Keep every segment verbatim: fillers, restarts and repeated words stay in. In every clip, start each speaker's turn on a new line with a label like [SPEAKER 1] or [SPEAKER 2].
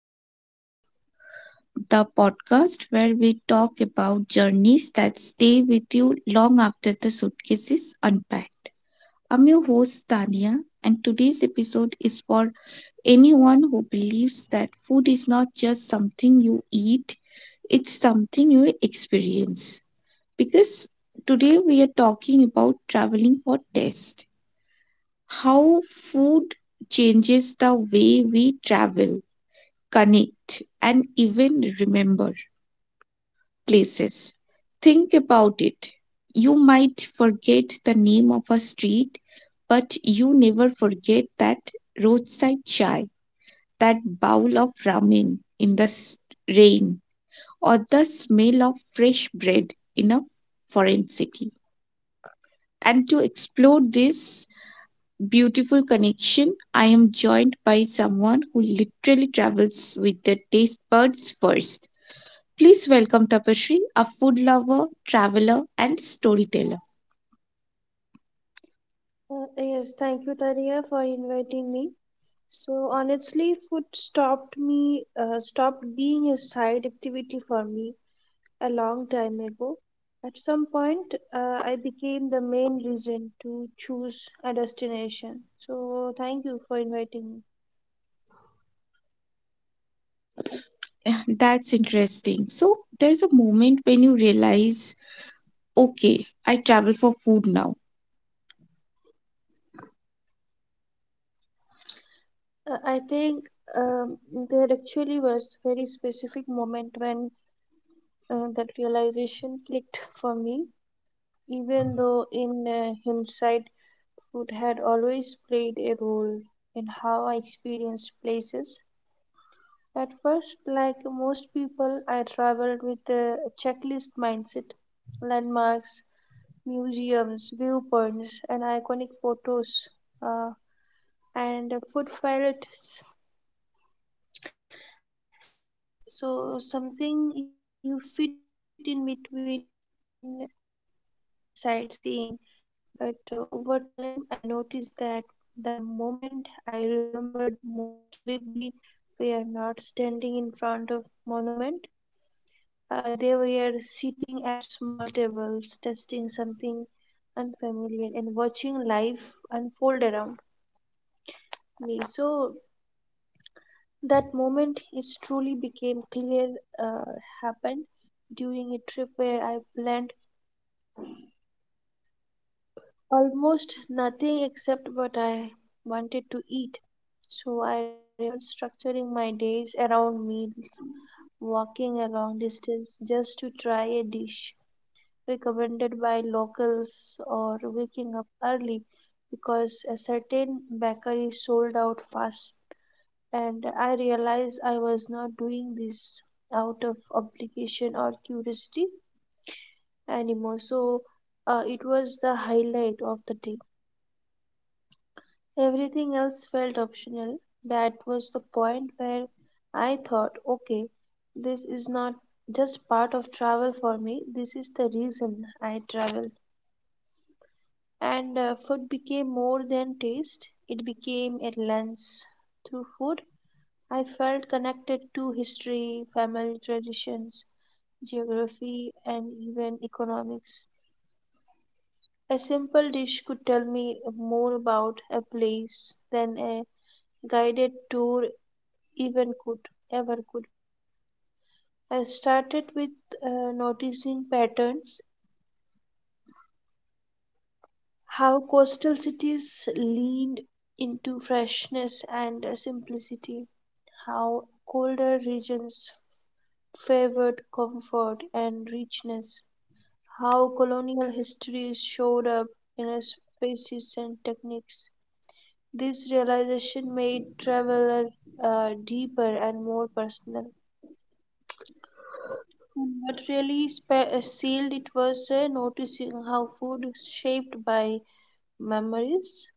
[SPEAKER 1] and Wonder, the podcast where we talk about journeys that stay with you long after the suitcase is unpacked. I'm your host, Tania, and today's episode is for anyone who believes that food is not just something you eat, it's something you experience. Because today we are talking about traveling for taste, how food changes the way we travel, connect, and even remember places. Think about it. You might forget the name of a street, but you never forget that roadside chai, that bowl of ramen in the s- rain, or the smell of fresh bread in a foreign city. And to explore this beautiful connection, I am joined by someone who literally travels with the taste buds first. Please welcome Tapashri, a food lover, traveler, and storyteller.
[SPEAKER 2] Uh, yes, thank you, Tariya, for inviting me. So honestly, food stopped me, uh, stopped being a side activity for me a long time ago. At some point, uh, I became the main reason to choose a destination. So thank you for inviting me.
[SPEAKER 1] Yeah, that's interesting. So, there's a moment when you realize, okay, I travel for food now.
[SPEAKER 2] Uh, I think um, there actually was very specific moment when uh, that realization clicked for me. Even though in uh, hindsight food had always played a role in how I experienced places. At first, like most people, I traveled with a checklist mindset landmarks, museums, viewpoints, and iconic photos, uh, and food felt s- secondary. So, something you fit in between sightseeing. But uh, over time, I noticed that the moment I remembered most vividly were not standing in front of monument. Uh, they were sitting at small tables, testing something unfamiliar and watching life unfold around me. So that moment is truly became clear uh, happened during a trip where I planned almost nothing except what I wanted to eat. So I remember structuring my days around meals, walking a long distance just to try a dish recommended by locals, or waking up early because a certain bakery sold out fast. And I realized I was not doing this out of obligation or curiosity anymore. So uh, it was the highlight of the day. Everything else felt optional. That was the point where I thought, okay, this is not just part of travel for me, this is the reason I travel. And uh, food became more than taste, it became a lens. Through food, I felt connected to history, family traditions, geography, and even economics. A simple dish could tell me more about a place than a guided tour even could ever could. I started with uh, noticing patterns, how coastal cities leaned into freshness and uh, simplicity, how colder regions favored comfort and richness, how colonial histories showed up in uh, spaces and techniques. This realization made travel uh, deeper and more personal. What really spe- uh, sealed it was uh, noticing how food is shaped by memories.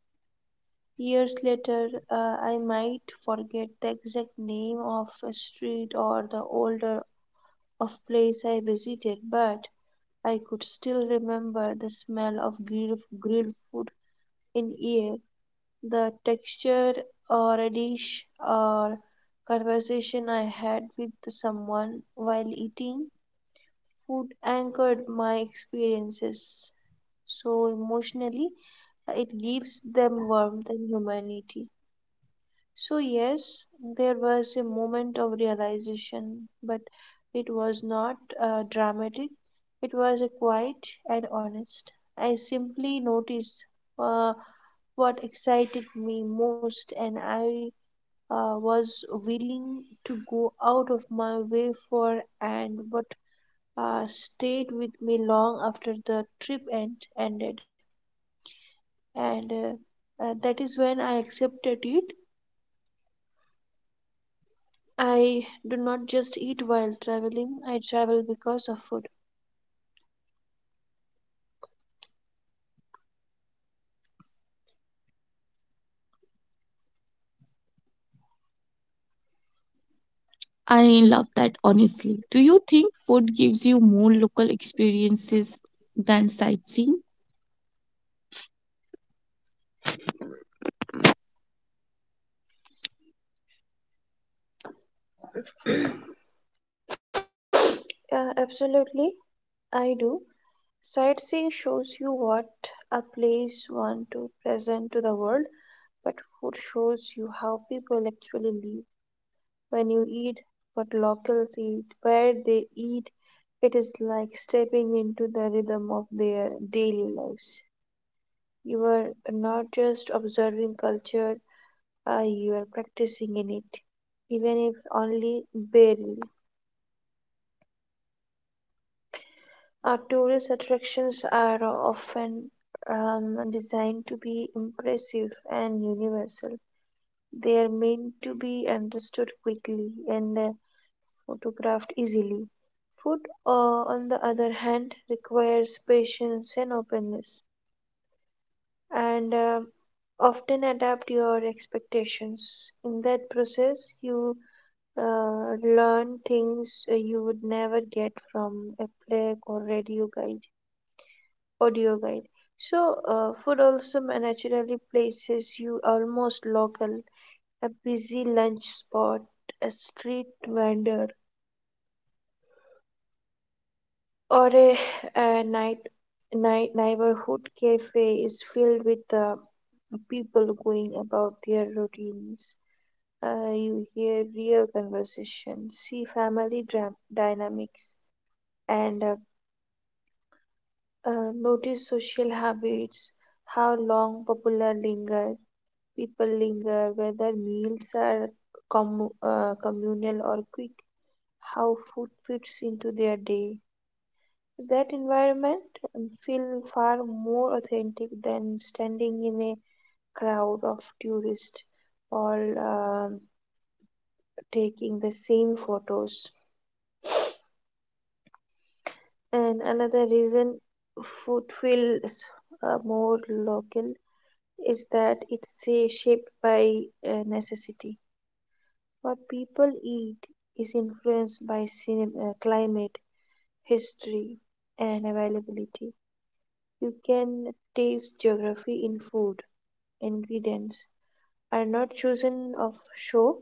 [SPEAKER 2] Years later, uh, I might forget the exact name of a street or the older of place I visited, but I could still remember the smell of grilled, grilled food in air, the texture or a dish or conversation I had with someone while eating. Food anchored my experiences so emotionally, uh, it gives them warmth and humanity. So, yes, there was a moment of realization, but it was not uh, dramatic, it was a quiet and honest. I simply noticed uh, what excited me most, and I uh, was willing to go out of my way for and what uh, stayed with me long after the trip end, ended. And uh, uh, that is when I accepted it. I do not just eat while traveling, I travel because of food.
[SPEAKER 1] I love that, honestly. Do you think food gives you more local experiences than sightseeing?
[SPEAKER 2] Uh, absolutely, I do. Sightseeing shows you what a place wants to present to the world, but food shows you how people actually live. When you eat what locals eat, where they eat, it is like stepping into the rhythm of their daily lives. You are not just observing culture, uh, you are practicing in it, even if only barely. Our tourist attractions are often um, designed to be impressive and universal. They are meant to be understood quickly and uh, photographed easily. Food, uh, on the other hand, requires patience and openness, and uh, often adapt your expectations. In that process, you uh, learn things uh, you would never get from a plaque or radio guide, audio guide. So, uh, food also ma- naturally places you almost local, a busy lunch spot, a street vendor, or a, a night night neighborhood cafe is filled with uh, people going about their routines. Uh, you hear real conversation, see family dram- dynamics, and uh, uh, notice social habits. How long popular linger, people linger, whether meals are commu- uh, communal or quick, how food fits into their day. That environment um, feel far more authentic than standing in a crowd of tourists all um, taking the same photos. And another reason food feels uh, more local is that it's uh, shaped by uh, necessity. What people eat is influenced by cin- uh, climate, history, and availability. You can taste geography in food, ingredients are not chosen of show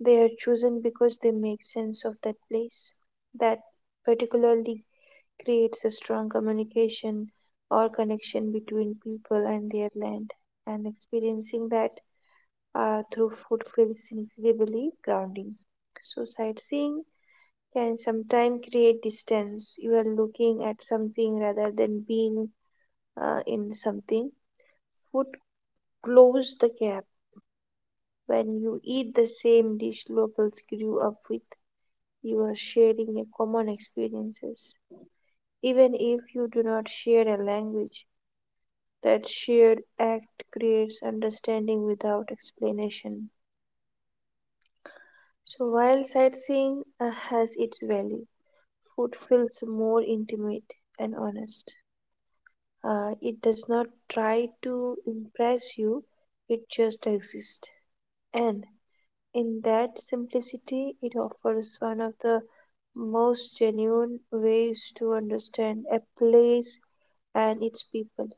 [SPEAKER 2] they are chosen because they make sense of that place that particularly creates a strong communication or connection between people and their land and experiencing that uh, through food feels incredibly grounding. So sightseeing can sometimes create distance. You are looking at something rather than being uh, in something. Food close the gap. When you eat the same dish locals grew up with, you are sharing a common experiences. Even if you do not share a language, that shared act creates understanding without explanation. So while sightseeing uh, has its value, food feels more intimate and honest. Uh, it does not try to impress you, it just exists. And in that simplicity, it offers one of the most genuine ways to understand a place and its people.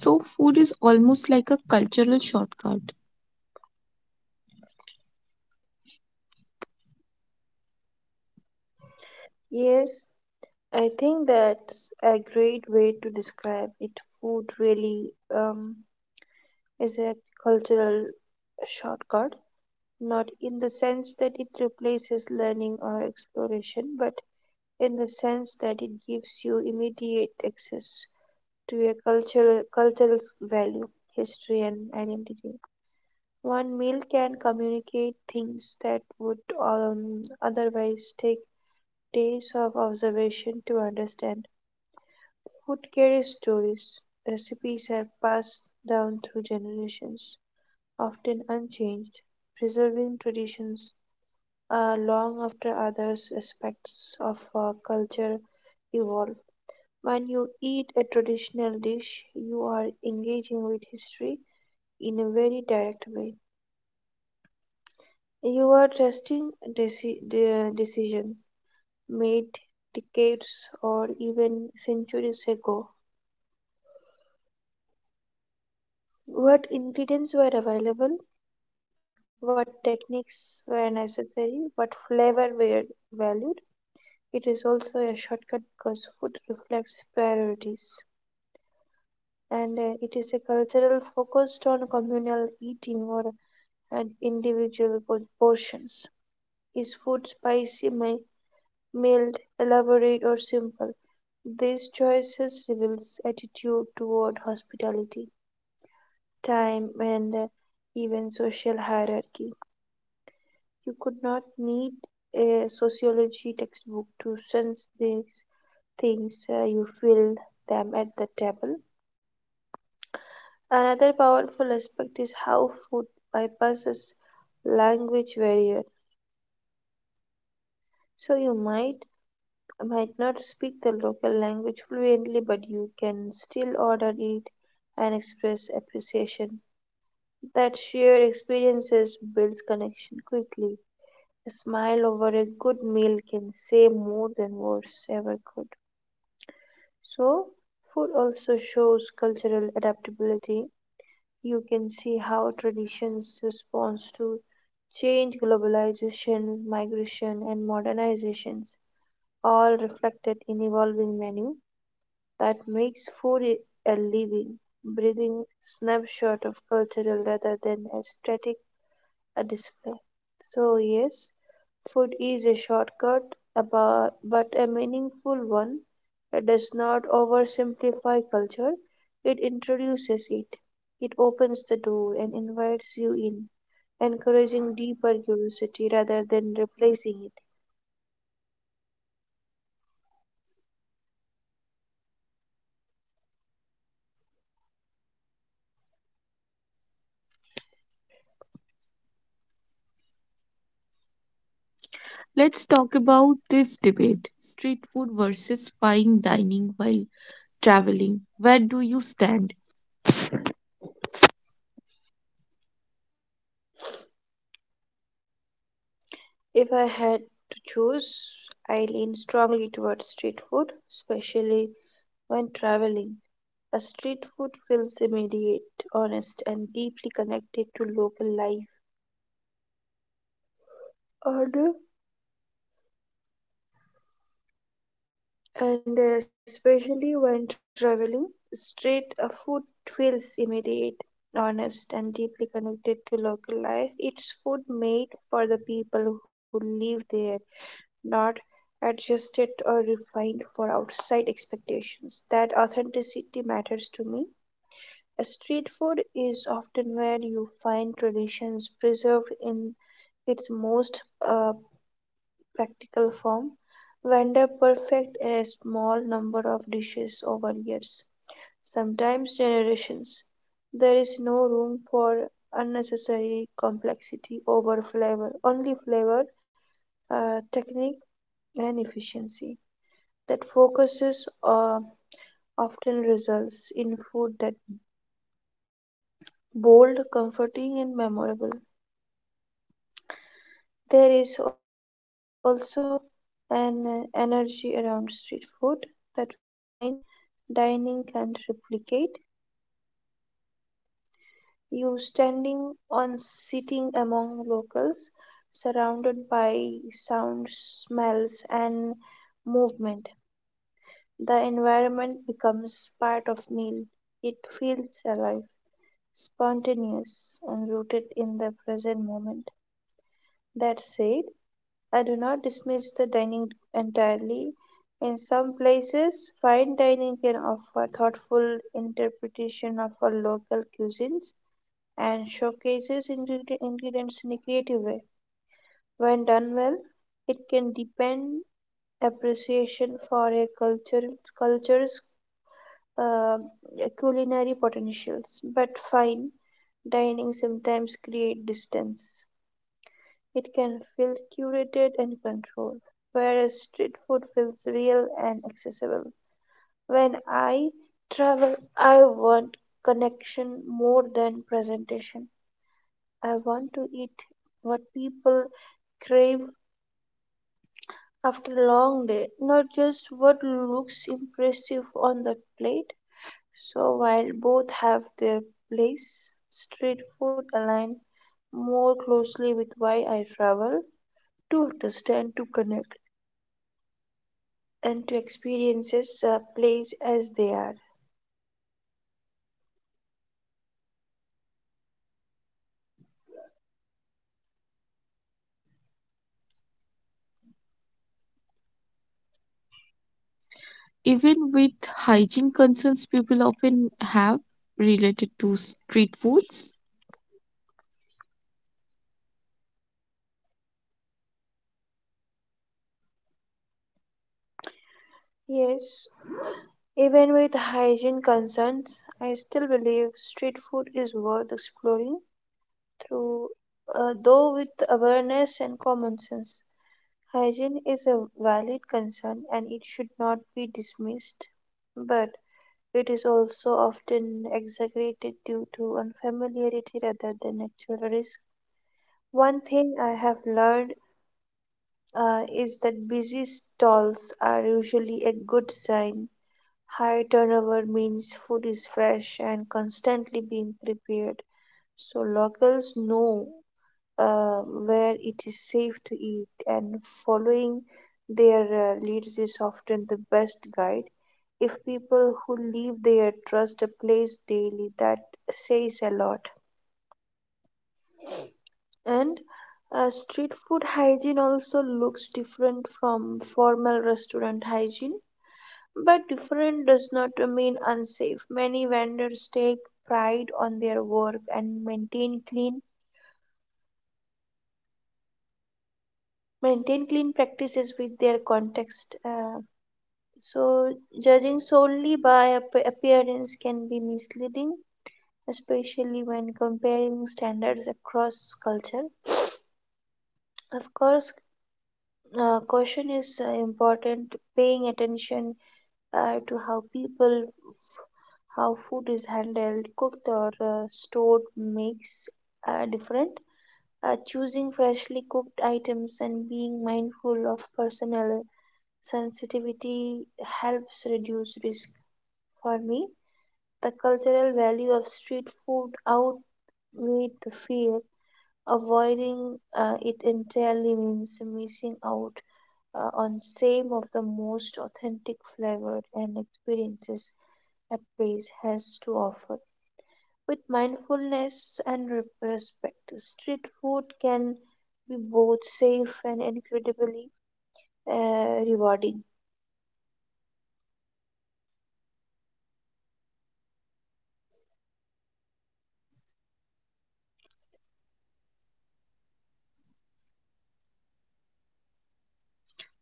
[SPEAKER 1] So, food is almost like a cultural shortcut.
[SPEAKER 2] Yes, I think that's a great way to describe it. Food really um, is a cultural shortcut, not in the sense that it replaces learning or exploration, but in the sense that it gives you immediate access to a cultural cultural value, history, and identity. One meal can communicate things that would um, otherwise take days of observation to understand. Food carries stories. Recipes are passed down through generations, often unchanged, preserving traditions uh, long after others' aspects of uh, culture evolve. When you eat a traditional dish, you are engaging with history in a very direct way. You are trusting deci- the decisions made decades or even centuries ago. What ingredients were available, what techniques were necessary, what flavor were valued. It is also a shortcut because food reflects priorities and uh, it is a cultural focused on communal eating or and individual por- portions. Is food spicy? My mild, elaborate or simple. These choices reveals attitude toward hospitality, time and uh, even social hierarchy. You could not need a sociology textbook to sense these things. uh, you feel them at the table. Another powerful aspect is how food bypasses language barrier. So you might might not speak the local language fluently, but you can still order it and express appreciation. That shared experiences builds connection quickly. A smile over a good meal can say more than words ever could. So, food also shows cultural adaptability. You can see how traditions respond to change, globalization, migration, and modernizations, all reflected in evolving menu. That makes food i- a living, breathing snapshot of culture rather than a static a display. So yes, food is a shortcut, abo- but a meaningful one. It does not oversimplify culture. It introduces it. It opens the door and invites you in, encouraging deeper curiosity rather than replacing it.
[SPEAKER 1] Let's talk about this debate: street food versus fine dining while traveling. Where do you stand?
[SPEAKER 2] If I had to choose, I lean strongly towards street food, especially when traveling. A street food feels immediate, honest, and deeply connected to local life. Order, and uh, especially when traveling, street uh, food feels immediate, honest, and deeply connected to local life. It's food made for the people who live there not adjusted or refined for outside expectations. That authenticity matters to me. A street food is often where you find traditions preserved in its most uh, practical form. Vendor perfect a small number of dishes over years, sometimes generations. There is no room for unnecessary complexity over flavor, only flavor, uh, technique, and efficiency. That focuses uh, often results in food that bold, comforting, and memorable. There is also an uh, energy around street food that fine dining can't replicate. You standing on sitting among locals, surrounded by sounds, smells, and movement. The environment becomes part of meal. It feels alive, spontaneous, and rooted in the present moment. That said, I do not dismiss the dining entirely. In some places, fine dining can offer thoughtful interpretation of our local cuisines and showcases ingre- ingredients in a creative way. When done well, it can deepen appreciation for a culture, culture's uh, culinary potentials, but fine dining sometimes create distance. It can feel curated and controlled, whereas street food feels real and accessible. When I travel, I want connection more than presentation. I want to eat what people crave after a long day, not just what looks impressive on the plate. So while both have their place, street food align more closely with why I travel to understand, to connect, and to experiences a place as they are.
[SPEAKER 1] Even with hygiene concerns people often have related to street foods,
[SPEAKER 2] Yes, even with hygiene concerns, I still believe street food is worth exploring through uh, though with awareness and common sense. Hygiene is a valid concern and it should not be dismissed. But it is also often exaggerated due to unfamiliarity rather than actual risk. One thing I have learned uh, is that busy stalls are usually a good sign. High turnover means food is fresh and constantly being prepared, so locals know uh, where it is safe to eat, and following their uh, leads is often the best guide. If people who live there trust a place daily, that says a lot. And uh, Street food hygiene also looks different from formal restaurant hygiene, but different does not mean unsafe. Many vendors take pride on their work and maintain clean maintain clean practices with their context. Uh, So, judging solely by ap- appearance can be misleading, especially when comparing standards across culture. Of course, uh, caution is uh, important. Paying attention uh, to how people, f- how food is handled, cooked, or uh, stored makes uh, different. Uh, choosing freshly cooked items and being mindful of personal sensitivity helps reduce risk for me. The cultural value of street food outweighs the fear. Avoiding uh, it entirely means missing out uh, on some of the most authentic flavors and experiences a place has to offer. With mindfulness and re- respect, street food can be both safe and incredibly uh, rewarding.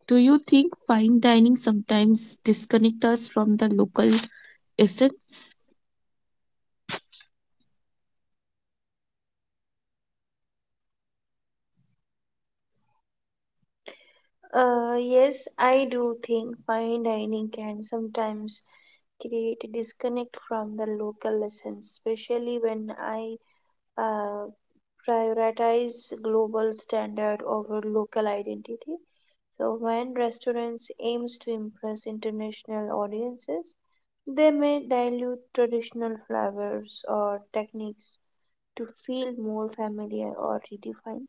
[SPEAKER 1] do you think fine dining sometimes disconnect us from the local essence?
[SPEAKER 2] Uh, yes, I do think fine dining can sometimes create a disconnect from the local lessons, especially when I uh, prioritize global standard over local identity. So when restaurants aims to impress international audiences, they may dilute traditional flavors or techniques to feel more familiar or redefined.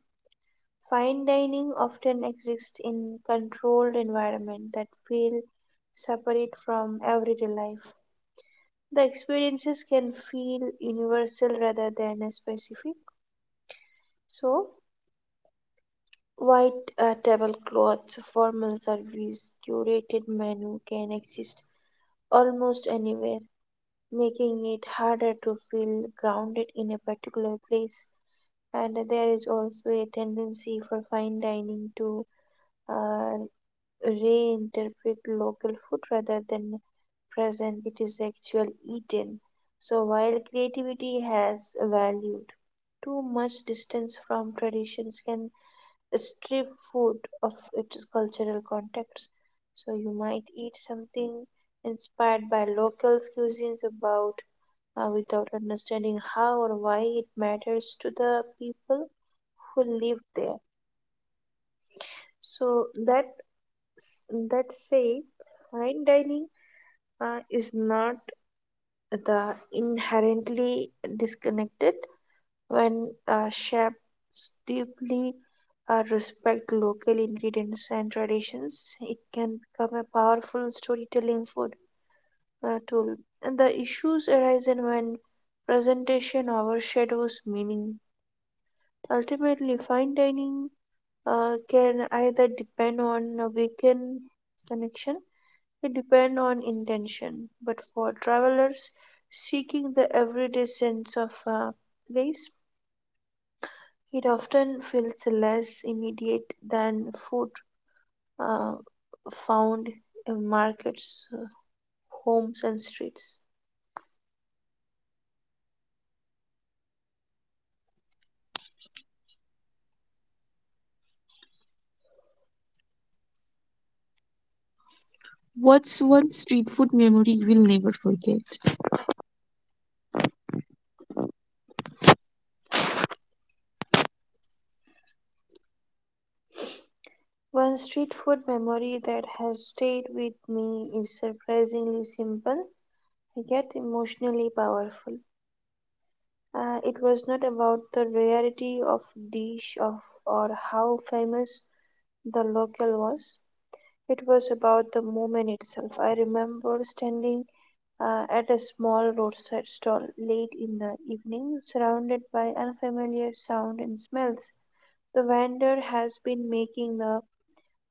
[SPEAKER 2] Fine dining often exists in controlled environment that feel separate from everyday life. The experiences can feel universal rather than a specific. So, white uh, tablecloths, formal service, curated menu can exist almost anywhere, making it harder to feel grounded in a particular place. And there is also a tendency for fine dining to uh, reinterpret local food rather than present it is actual eaten. So while creativity has valued, too much distance from traditions can strip food of its cultural context. So you might eat something inspired by local cuisines about uh, without understanding how or why it matters to the people who live there. So that that say fine dining uh, is not the inherently disconnected when uh, chefs deeply uh, respect local ingredients and traditions. It can become a powerful storytelling food uh, tool. And the issues arise in when presentation overshadows meaning. Ultimately, fine dining uh, can either depend on a weakened connection. It depends on intention, but for travelers seeking the everyday sense of uh, place, it often feels less immediate than food uh, found in markets, uh, homes, and streets.
[SPEAKER 1] What's one street food memory you will never forget?
[SPEAKER 2] One street food memory that has stayed with me is surprisingly simple yet emotionally powerful. Uh, it was not about the rarity of dish of or how famous the local was. It was about the moment itself. I remember standing uh, at a small roadside stall late in the evening, surrounded by unfamiliar sound and smells. The vendor has been making the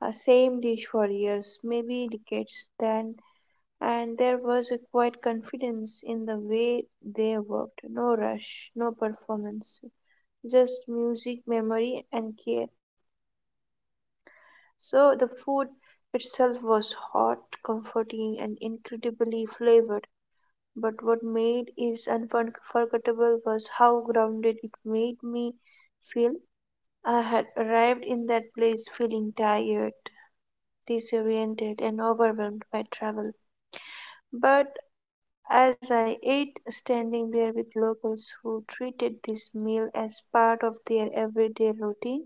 [SPEAKER 2] uh, same dish for years, maybe decades then, and there was a quiet confidence in the way they worked. No rush, no performance, just music, memory, and care. So the food itself was hot, comforting, and incredibly flavored. But what made it unforgettable was how grounded it made me feel. I had arrived in that place feeling tired, disoriented, and overwhelmed by travel. But as I ate, standing there with locals who treated this meal as part of their everyday routine,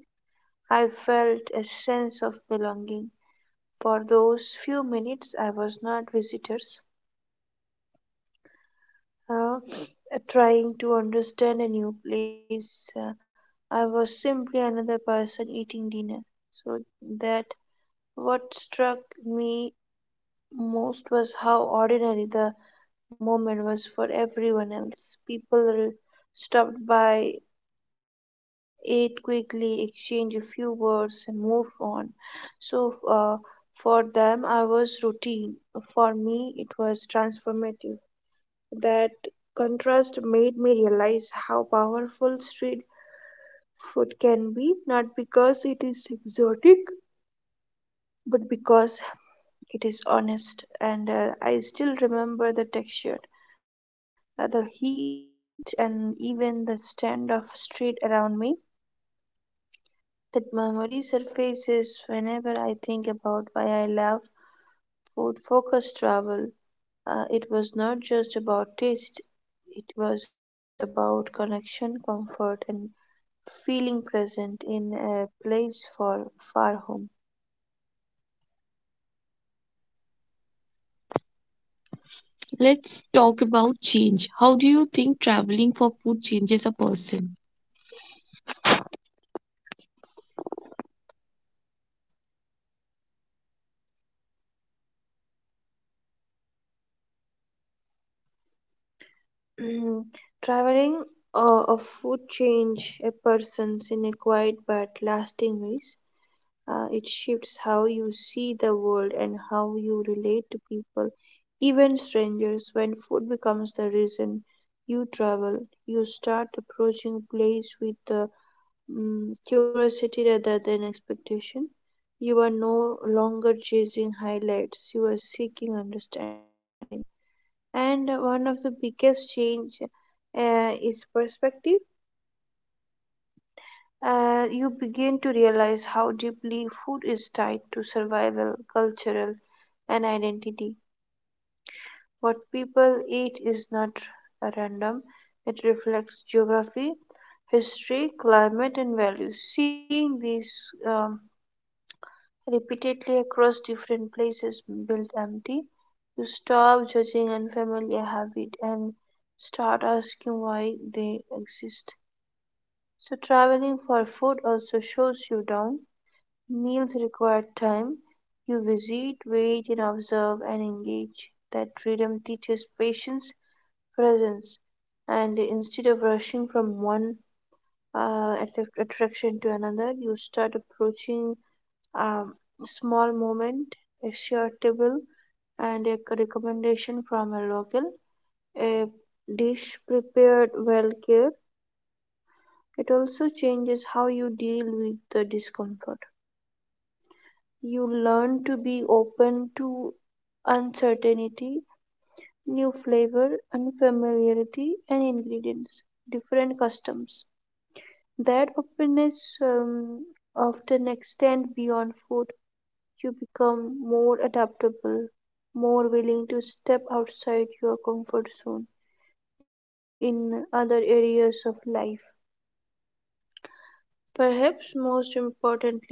[SPEAKER 2] I felt a sense of belonging. For those few minutes, I was not visitors uh, trying to understand a new place. Uh, I was simply another person eating dinner. So that what struck me most was how ordinary the moment was for everyone else. People re- stopped by, ate quickly, exchanged a few words, and moved on. So uh, for them, I was routine. For me, it was transformative. That contrast made me realize how powerful street food can be, not because it is exotic, but because it is honest. And uh, I still remember the texture, uh, the heat, and even the stand of street around me. That memory surfaces whenever I think about why I love food focused travel. Uh, it was not just about taste, it was about connection, comfort, and feeling present in a place for far home.
[SPEAKER 1] Let's talk about change. How do you think traveling for food changes a person?
[SPEAKER 2] Traveling uh, of food change a person's in a quiet but lasting ways. Uh, it shifts how you see the world and how you relate to people, even strangers. When food becomes the reason you travel, you start approaching place with a mm, curiosity rather than expectation. You are no longer chasing highlights, you are seeking understanding. And one of the biggest change uh, is perspective. Uh, you begin to realize how deeply food is tied to survival, cultural, and identity. What people eat is not random, it reflects geography, history, climate, and values. Seeing these um, repeatedly across different places built empty. You stop judging unfamiliar habits and start asking why they exist. So, traveling for food also shows you down. Meals require time. You visit, wait, and observe and engage. That freedom teaches patience, presence, and instead of rushing from one uh, attract- attraction to another, you start approaching um, small moment, a shareable, and a recommendation from a local. A dish prepared well cared. It also changes how you deal with the discomfort. You learn to be open to uncertainty, new flavor, unfamiliarity, and ingredients, different customs. That openness um, often extend beyond food. You become more adaptable, more willing to step outside your comfort zone in other areas of life. Perhaps most importantly,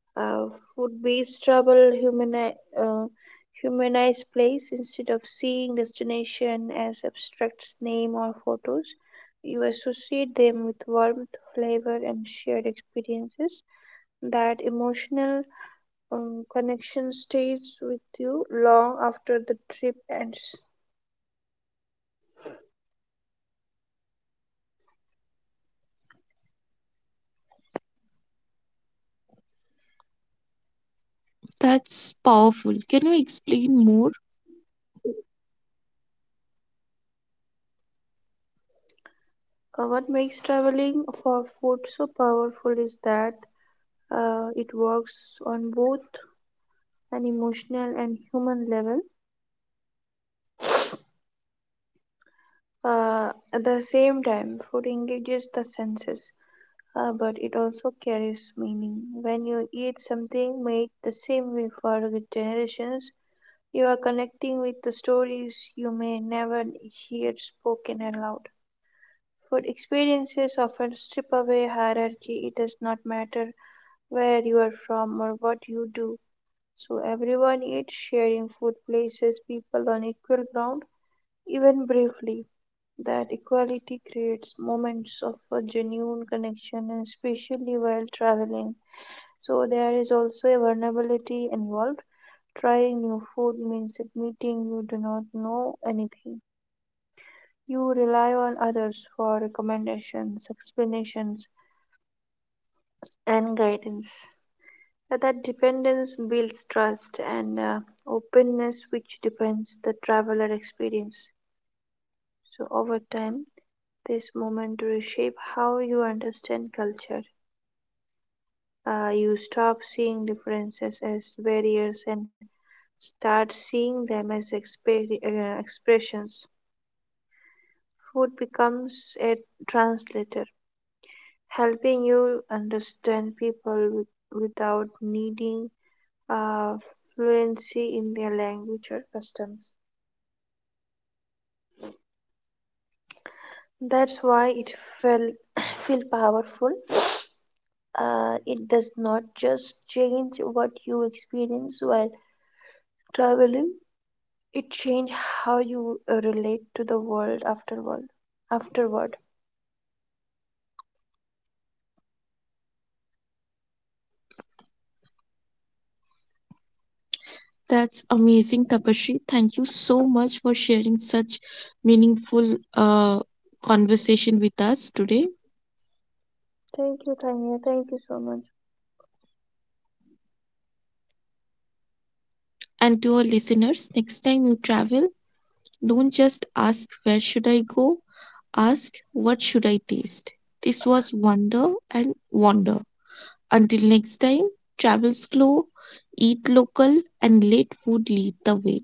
[SPEAKER 2] uh, food based travel humani- uh, humanize place instead of seeing destination as abstract name or photos. You associate them with warmth, flavor, and shared experiences. That emotional um, connection stays with you long after the trip ends.
[SPEAKER 1] That's powerful. Can you explain more?
[SPEAKER 2] Uh, what makes traveling for food so powerful is that uh, it works on both an emotional and human level. Uh, at the same time, food engages the senses, uh, but it also carries meaning. When you eat something made the same way for generations, you are connecting with the stories you may never hear spoken aloud. Food experiences often strip away hierarchy. It does not matter where you are from or what you do. So everyone eats, sharing food places people on equal ground, even briefly. That equality creates moments of a genuine connection, and especially while traveling. So there is also a vulnerability involved. Trying new food means admitting you do not know anything. You rely on others for recommendations, explanations, and guidance. Uh, That dependence builds trust and uh, openness, which depends the traveler experience. So over time, this moment reshape how you understand culture. Uh, you stop seeing differences as barriers and start seeing them as expe- uh, expressions. Food becomes a translator, helping you understand people with, without needing uh, fluency in their language or customs. That's why it felt feel powerful. Uh, it does not just change what you experience while traveling; it changes how you uh, relate to the world afterward. Afterward.
[SPEAKER 1] That's amazing, Tapashri. Thank you so much for sharing such meaningful uh, conversation with us today.
[SPEAKER 2] Thank you, Tanya. Thank you so much.
[SPEAKER 1] And to our listeners, next time you travel, don't just ask where should I go, ask what should I taste. This was Wonder and Wander. Until next time, travel slow, eat local, and let food lead the way.